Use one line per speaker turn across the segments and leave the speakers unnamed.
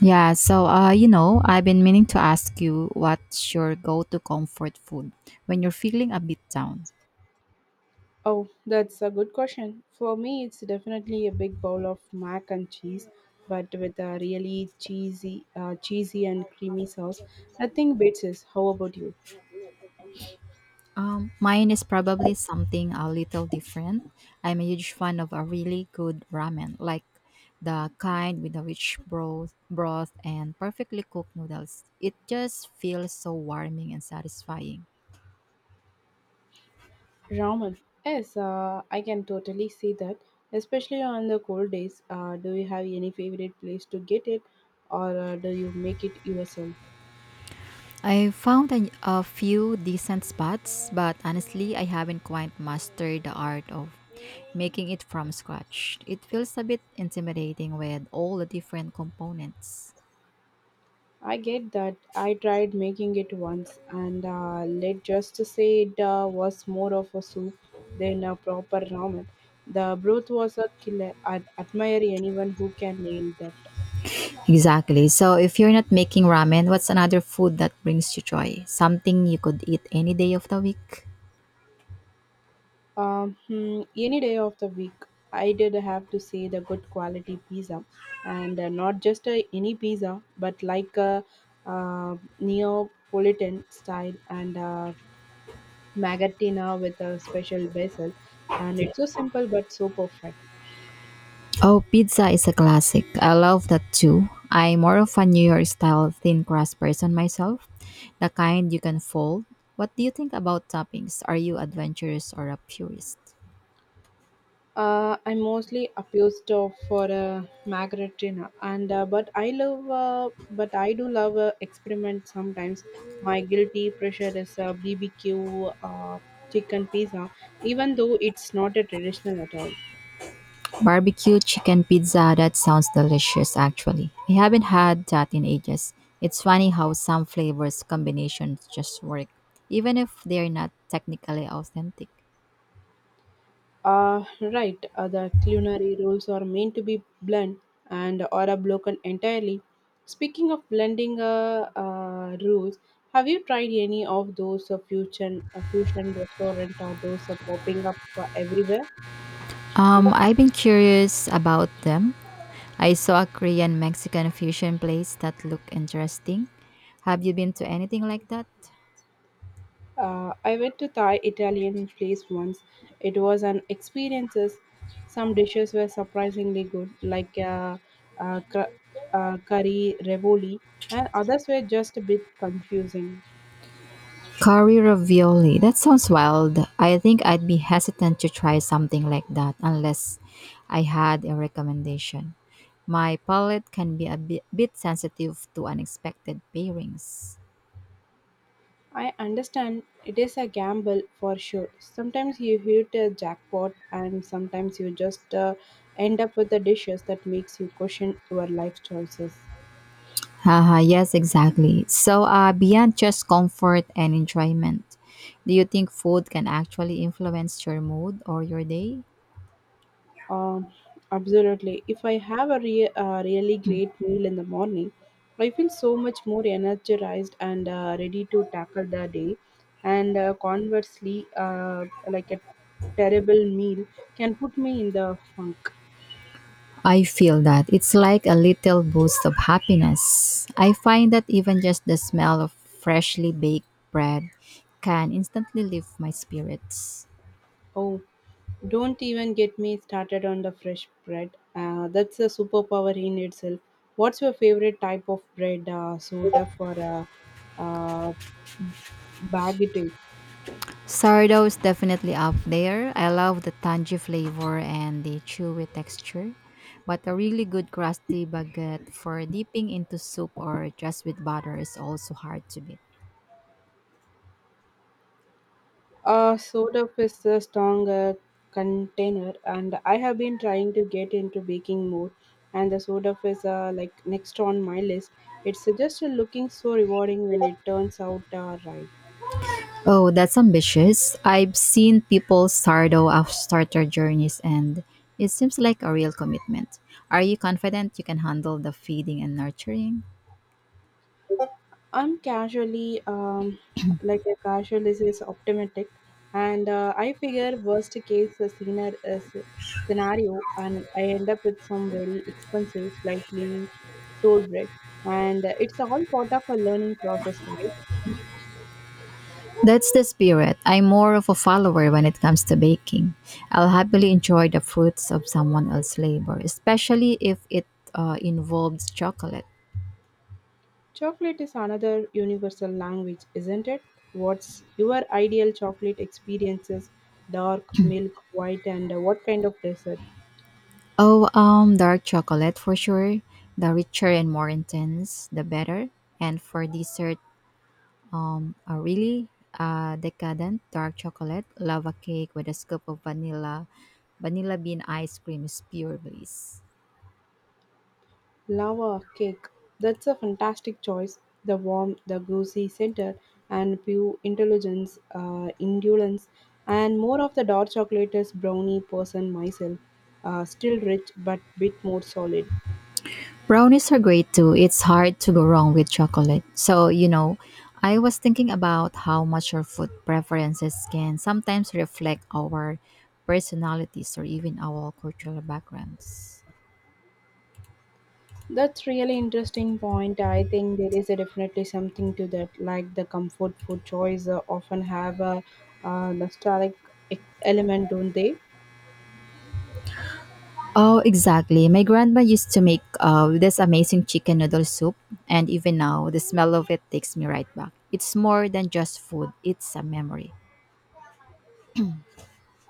Yeah, so I've been meaning to ask you what's your go-to comfort food when you're feeling a bit down.
Oh, that's a good question. For me, it's definitely a big bowl of mac and cheese, but with a really cheesy, cheesy and creamy sauce. Nothing beats this. How about you?
Mine is probably something a little different. I'm a huge fan of a really good ramen, like the kind with a rich broth and perfectly cooked noodles. It just feels so warming and satisfying.
Ramen. Yes, I can totally see that, especially on the cold days. Do you have any favorite place to get it, or do you make it yourself?
I found a few decent spots, but honestly, I haven't quite mastered the art of making it from scratch. It feels a bit intimidating with all the different components.
I get that. I tried making it once, and let's just say it was more of a soup than a proper ramen. The broth was a killer. I admire anyone who can nail that.
Exactly. So, if you're not making ramen, what's another food that brings you joy? Something you could eat any day of the week?
Any day of the week, I did have to say the good quality pizza, and not just any pizza, but like a Neapolitan style and magatina with a special basil. And it's so simple but so perfect.
Oh, pizza is a classic. I love that too. I'm more of a New York style thin crust person myself, the kind you can fold. What do you think about toppings? Are you adventurous or a purist?
I'm mostly abused of for a Magritina, and but I do love experiment sometimes. My guilty pressure is a BBQ chicken pizza, even though it's not a traditional at all.
Barbecue chicken pizza, that sounds delicious actually. I haven't had that in ages. It's funny how some flavors combinations just work, even if they're not technically authentic.
Uh, right, the culinary rules are meant to be blend and or are broken entirely. Speaking of blending rules, have you tried any of those fusion restaurant or those popping up everywhere?
I've been curious about them. I saw a Korean Mexican fusion place that looked interesting. Have you been to anything like that?
I went to Thai Italian place once. It was an experiences. Some dishes were surprisingly good, like uh, cur- curry revoli, and others were just a bit confusing.
Curry ravioli. That sounds wild. I think I'd be hesitant to try something like that unless I had a recommendation. My palate can be a bit sensitive to unexpected pairings.
I understand it is a gamble for sure. Sometimes you hit a jackpot, and sometimes you just end up with the dishes that makes you question your life choices.
Haha, yes, exactly. So, beyond just comfort and enjoyment, do you think food can actually influence your mood or your day?
Um, absolutely. If I have a really great meal in the morning, I feel so much more energized and ready to tackle the day. And conversely, like a terrible meal can put me in the funk.
I feel that it's like a little boost of happiness. I find that even just the smell of freshly baked bread can instantly lift my spirits.
Oh, don't even get me started on the fresh bread. That's a superpower in itself. What's your favorite type of bread, soda for a uh, baguette?
Sourdough is definitely up there. I love the tangy flavor and the chewy texture, but a really good crusty baguette for dipping into soup or just with butter is also hard to beat.
Soda is a strong container, and I have been trying to get into baking more. And the soda is like next on my list. It's just looking so rewarding when it turns out right.
Oh, that's ambitious. I've seen people stardo off starter journeys and it seems like a real commitment. Are you confident you can handle the feeding and nurturing?
I'm casually, like a casualist is optimistic, and I figure worst case scenario, and I end up with some very expensive, slightly sold bread, and it's all part of a learning process, right?
That's the spirit. I'm more of a follower when it comes to baking. I'll happily enjoy the fruits of someone else's labor, especially if it involves chocolate.
Chocolate is another universal language, isn't it? What's your ideal chocolate experiences? Dark, milk, white, and what kind of dessert?
Oh, dark chocolate for sure. The richer and more intense, the better. And for dessert, a really decadent dark chocolate lava cake with a scoop of vanilla. Vanilla bean ice cream is pure bliss.
Lava cake. That's a fantastic choice. The warm, the goosey center, and pure intelligence, indolence, and more of the dark chocolates brownie person myself. Still rich, but bit more solid.
Brownies are great too. It's hard to go wrong with chocolate. So, you know, I was thinking about how much our food preferences can sometimes reflect our personalities or even our cultural backgrounds.
That's really interesting point. I think there is a definitely something to that. Like the comfort food choice often have a nostalgic element, don't they?
Oh, exactly. My grandma used to make this amazing chicken noodle soup, and even now, the smell of it takes me right back. It's more than just food, it's a memory.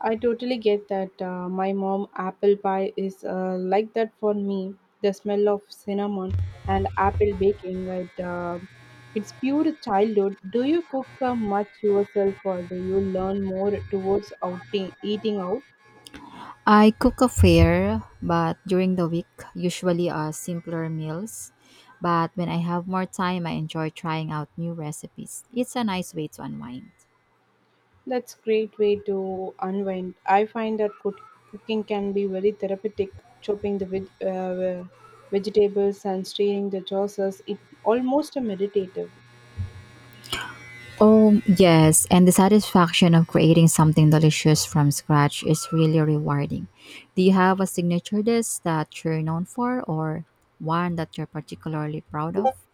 I totally get that. My mom apple pie is like that for me. The smell of cinnamon and apple baking, it's pure childhood. Do you cook much yourself, or do you learn more towards outing eating out?
I cook a fair, but during the week, usually simpler meals. But when I have more time, I enjoy trying out new recipes. It's a nice way to unwind.
That's great way to unwind. I find that cooking can be very therapeutic. Chopping the vegetables and stirring the sauces, it almost a meditative.
Oh, yes, and the satisfaction of creating something delicious from scratch is really rewarding. Do you have a signature dish that you're known for or one that you're particularly proud of?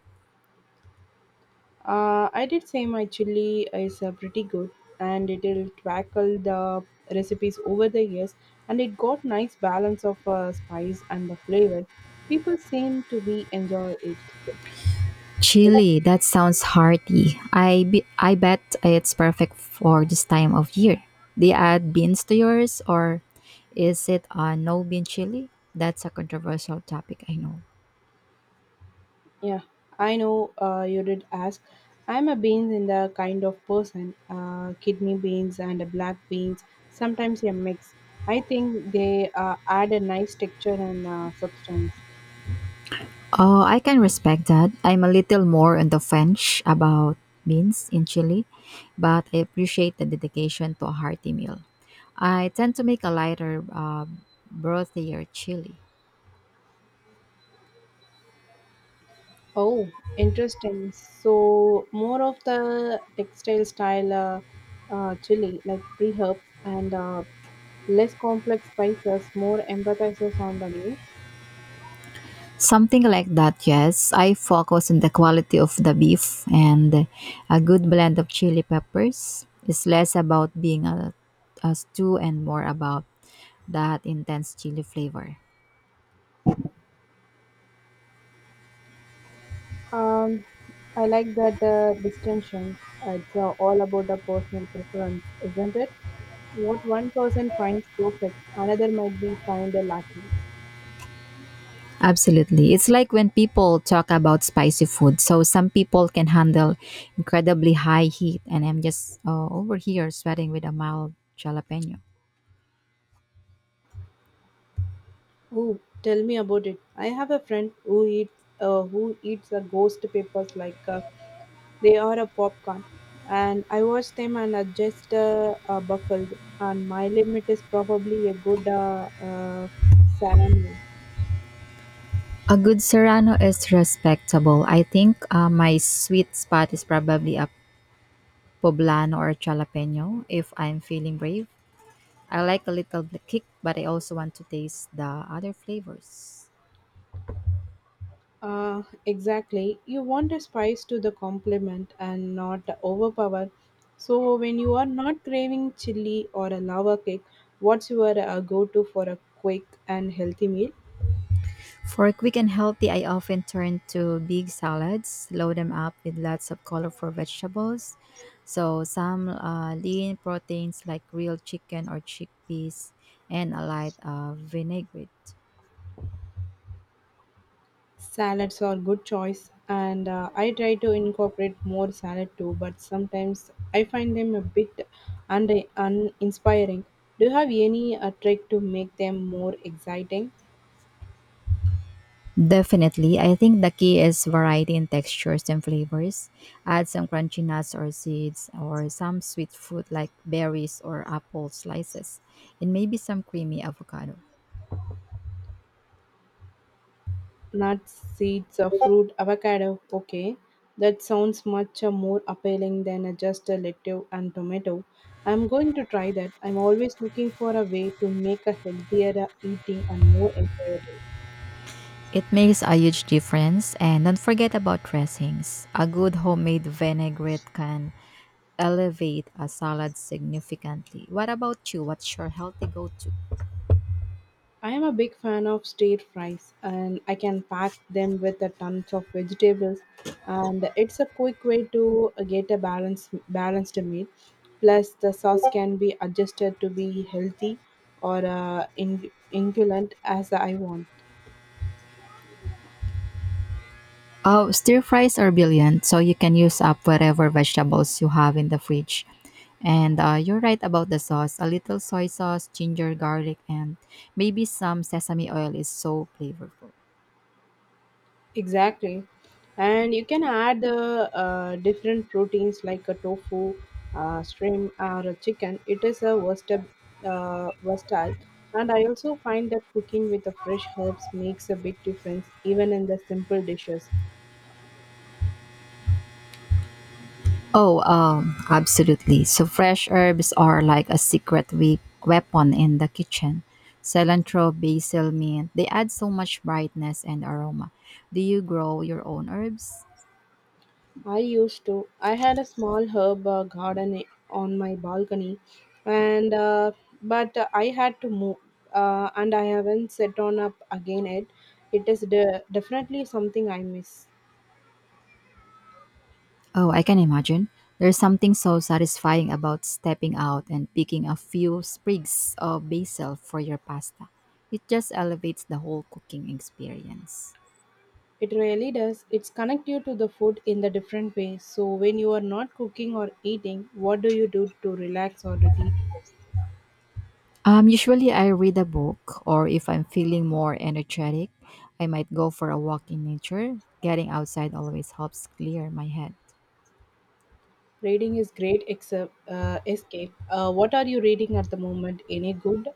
I did say my chili is pretty good and it'll tackle the recipes over the years and it got nice balance of spice and the flavor. People seem to be enjoy it.
Chili, that sounds hearty. I bet it's perfect for this time of year. Do you add beans to yours or is it a no bean chili? That's a controversial topic, I know.
Yeah, I know you did ask. I'm a beans in the kind of person, kidney beans and black beans, sometimes a mix. I think they add a nice texture and substance.
Oh, I can respect that. I'm a little more on the French about beans in Chile, but I appreciate the dedication to a hearty meal. I tend to make a lighter, brothier chili.
Oh, interesting. So more of the textile style chili, like pre-herbs and less complex spices, more emphasizes on the meat.
Something like that, yes. I focus on the quality of the beef and a good blend of chili peppers. It's less about being a stew and more about that intense chili flavor.
Um, I like that distinction. It's all about the personal preference, isn't it? What one person finds perfect, another might be find a lacking.
Absolutely. It's like when people talk about spicy food. So some people can handle incredibly high heat, and I'm just over here sweating with a mild jalapeno.
Oh, tell me about it. I have a friend who eats who eats the ghost papers like they are a popcorn, and I watch them and adjust buffled. And my limit is probably a good salami.
A good serrano is respectable. I think my sweet spot is probably a poblano or jalapeno if I'm feeling brave. I like a little bit kick, but I also want to taste the other flavors.
Exactly. You want a spice to the complement and not overpower. So when you are not craving chili or a lava cake, what's your go-to for a quick and healthy meal?
For quick and healthy, I often turn to big salads, load them up with lots of colorful vegetables. So, some lean proteins like real chicken or chickpeas, and a light vinaigrette.
Salads are good choice, and I try to incorporate more salad too, but sometimes I find them a bit uninspiring. Do you have any trick to make them more exciting?
Definitely, I think the key is variety in textures and flavors. Add some crunchy nuts or seeds, or some sweet fruit like berries or apple slices, and maybe some creamy avocado.
Nuts, seeds, fruit, avocado. Okay, that sounds much more appealing than just a lettuce and tomato. I'm going to try that. I'm always looking for a way to make a healthier eating and more enjoyable.
It makes a huge difference and don't forget about dressings. A good homemade vinaigrette can elevate a salad significantly. What about you? What's your healthy go-to?
I am a big fan of stir fries and I can pack them with a tons of vegetables and it's a quick way to get a balanced meal. Plus the sauce can be adjusted to be healthy or ingredient as I want.
Oh, stir fries are brilliant, so you can use up whatever vegetables you have in the fridge. And you're right about the sauce. A little soy sauce, ginger, garlic, and maybe some sesame oil is so flavorful.
Exactly. And you can add the different proteins like a tofu, shrimp, or a chicken. It is a versatile, versatile. And I also find that cooking with the fresh herbs makes a big difference, even in the simple dishes.
Oh, absolutely. So fresh herbs are like a secret weapon in the kitchen. Cilantro, basil, mint, they add so much brightness and aroma. Do you grow your own herbs?
I used to. I had a small herb garden on my balcony, and but I had to move, and I haven't set on up again yet. It is definitely something I miss.
Oh, I can imagine. There's something so satisfying about stepping out and picking a few sprigs of basil for your pasta. It just elevates the whole cooking experience.
It really does. It's connect you to the food in the different ways. So when you are not cooking or eating, what do you do to relax or to decrease?
Usually I read a book, or if I'm feeling more energetic, I might go for a walk in nature. Getting outside always helps clear my head.
Reading is great except, escape. What are you reading at the moment? Any good?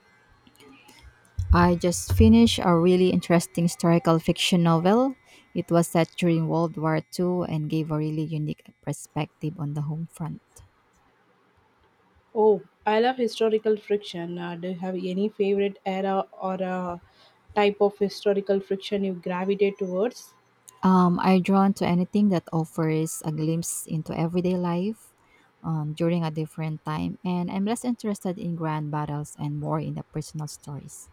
I just finished a really interesting historical fiction novel. It was set during World War II and gave a really unique perspective on the home front.
Oh, I love historical friction. Do you have any favorite era or type of historical friction you gravitate towards?
I'm drawn to anything that offers a glimpse into everyday life during a different time, and I'm less interested in grand battles and more in the personal stories.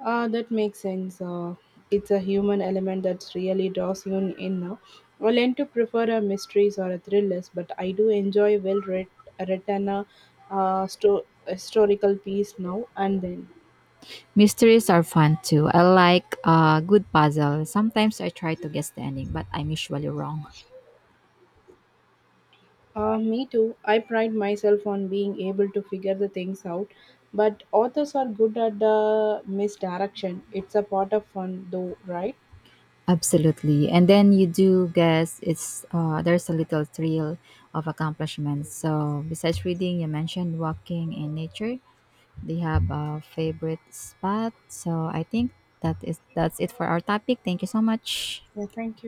Ah, that makes sense. It's a human element that really draws you in. I tend to prefer a mysteries or a thrillers, but I do enjoy written historical piece now and then.
Mysteries are fun too. I like a good puzzle. Sometimes I try to guess the ending, but I'm usually wrong.
Me too. I pride myself on being able to figure the things out, but authors are good at the misdirection. It's a part of fun, though, right?
Absolutely. And then you do guess it's there's a little thrill of accomplishment. So besides reading, you mentioned walking in nature. Do you have a favorite spot? So I think that's it for our topic. Thank you so much.
Yeah, thank you.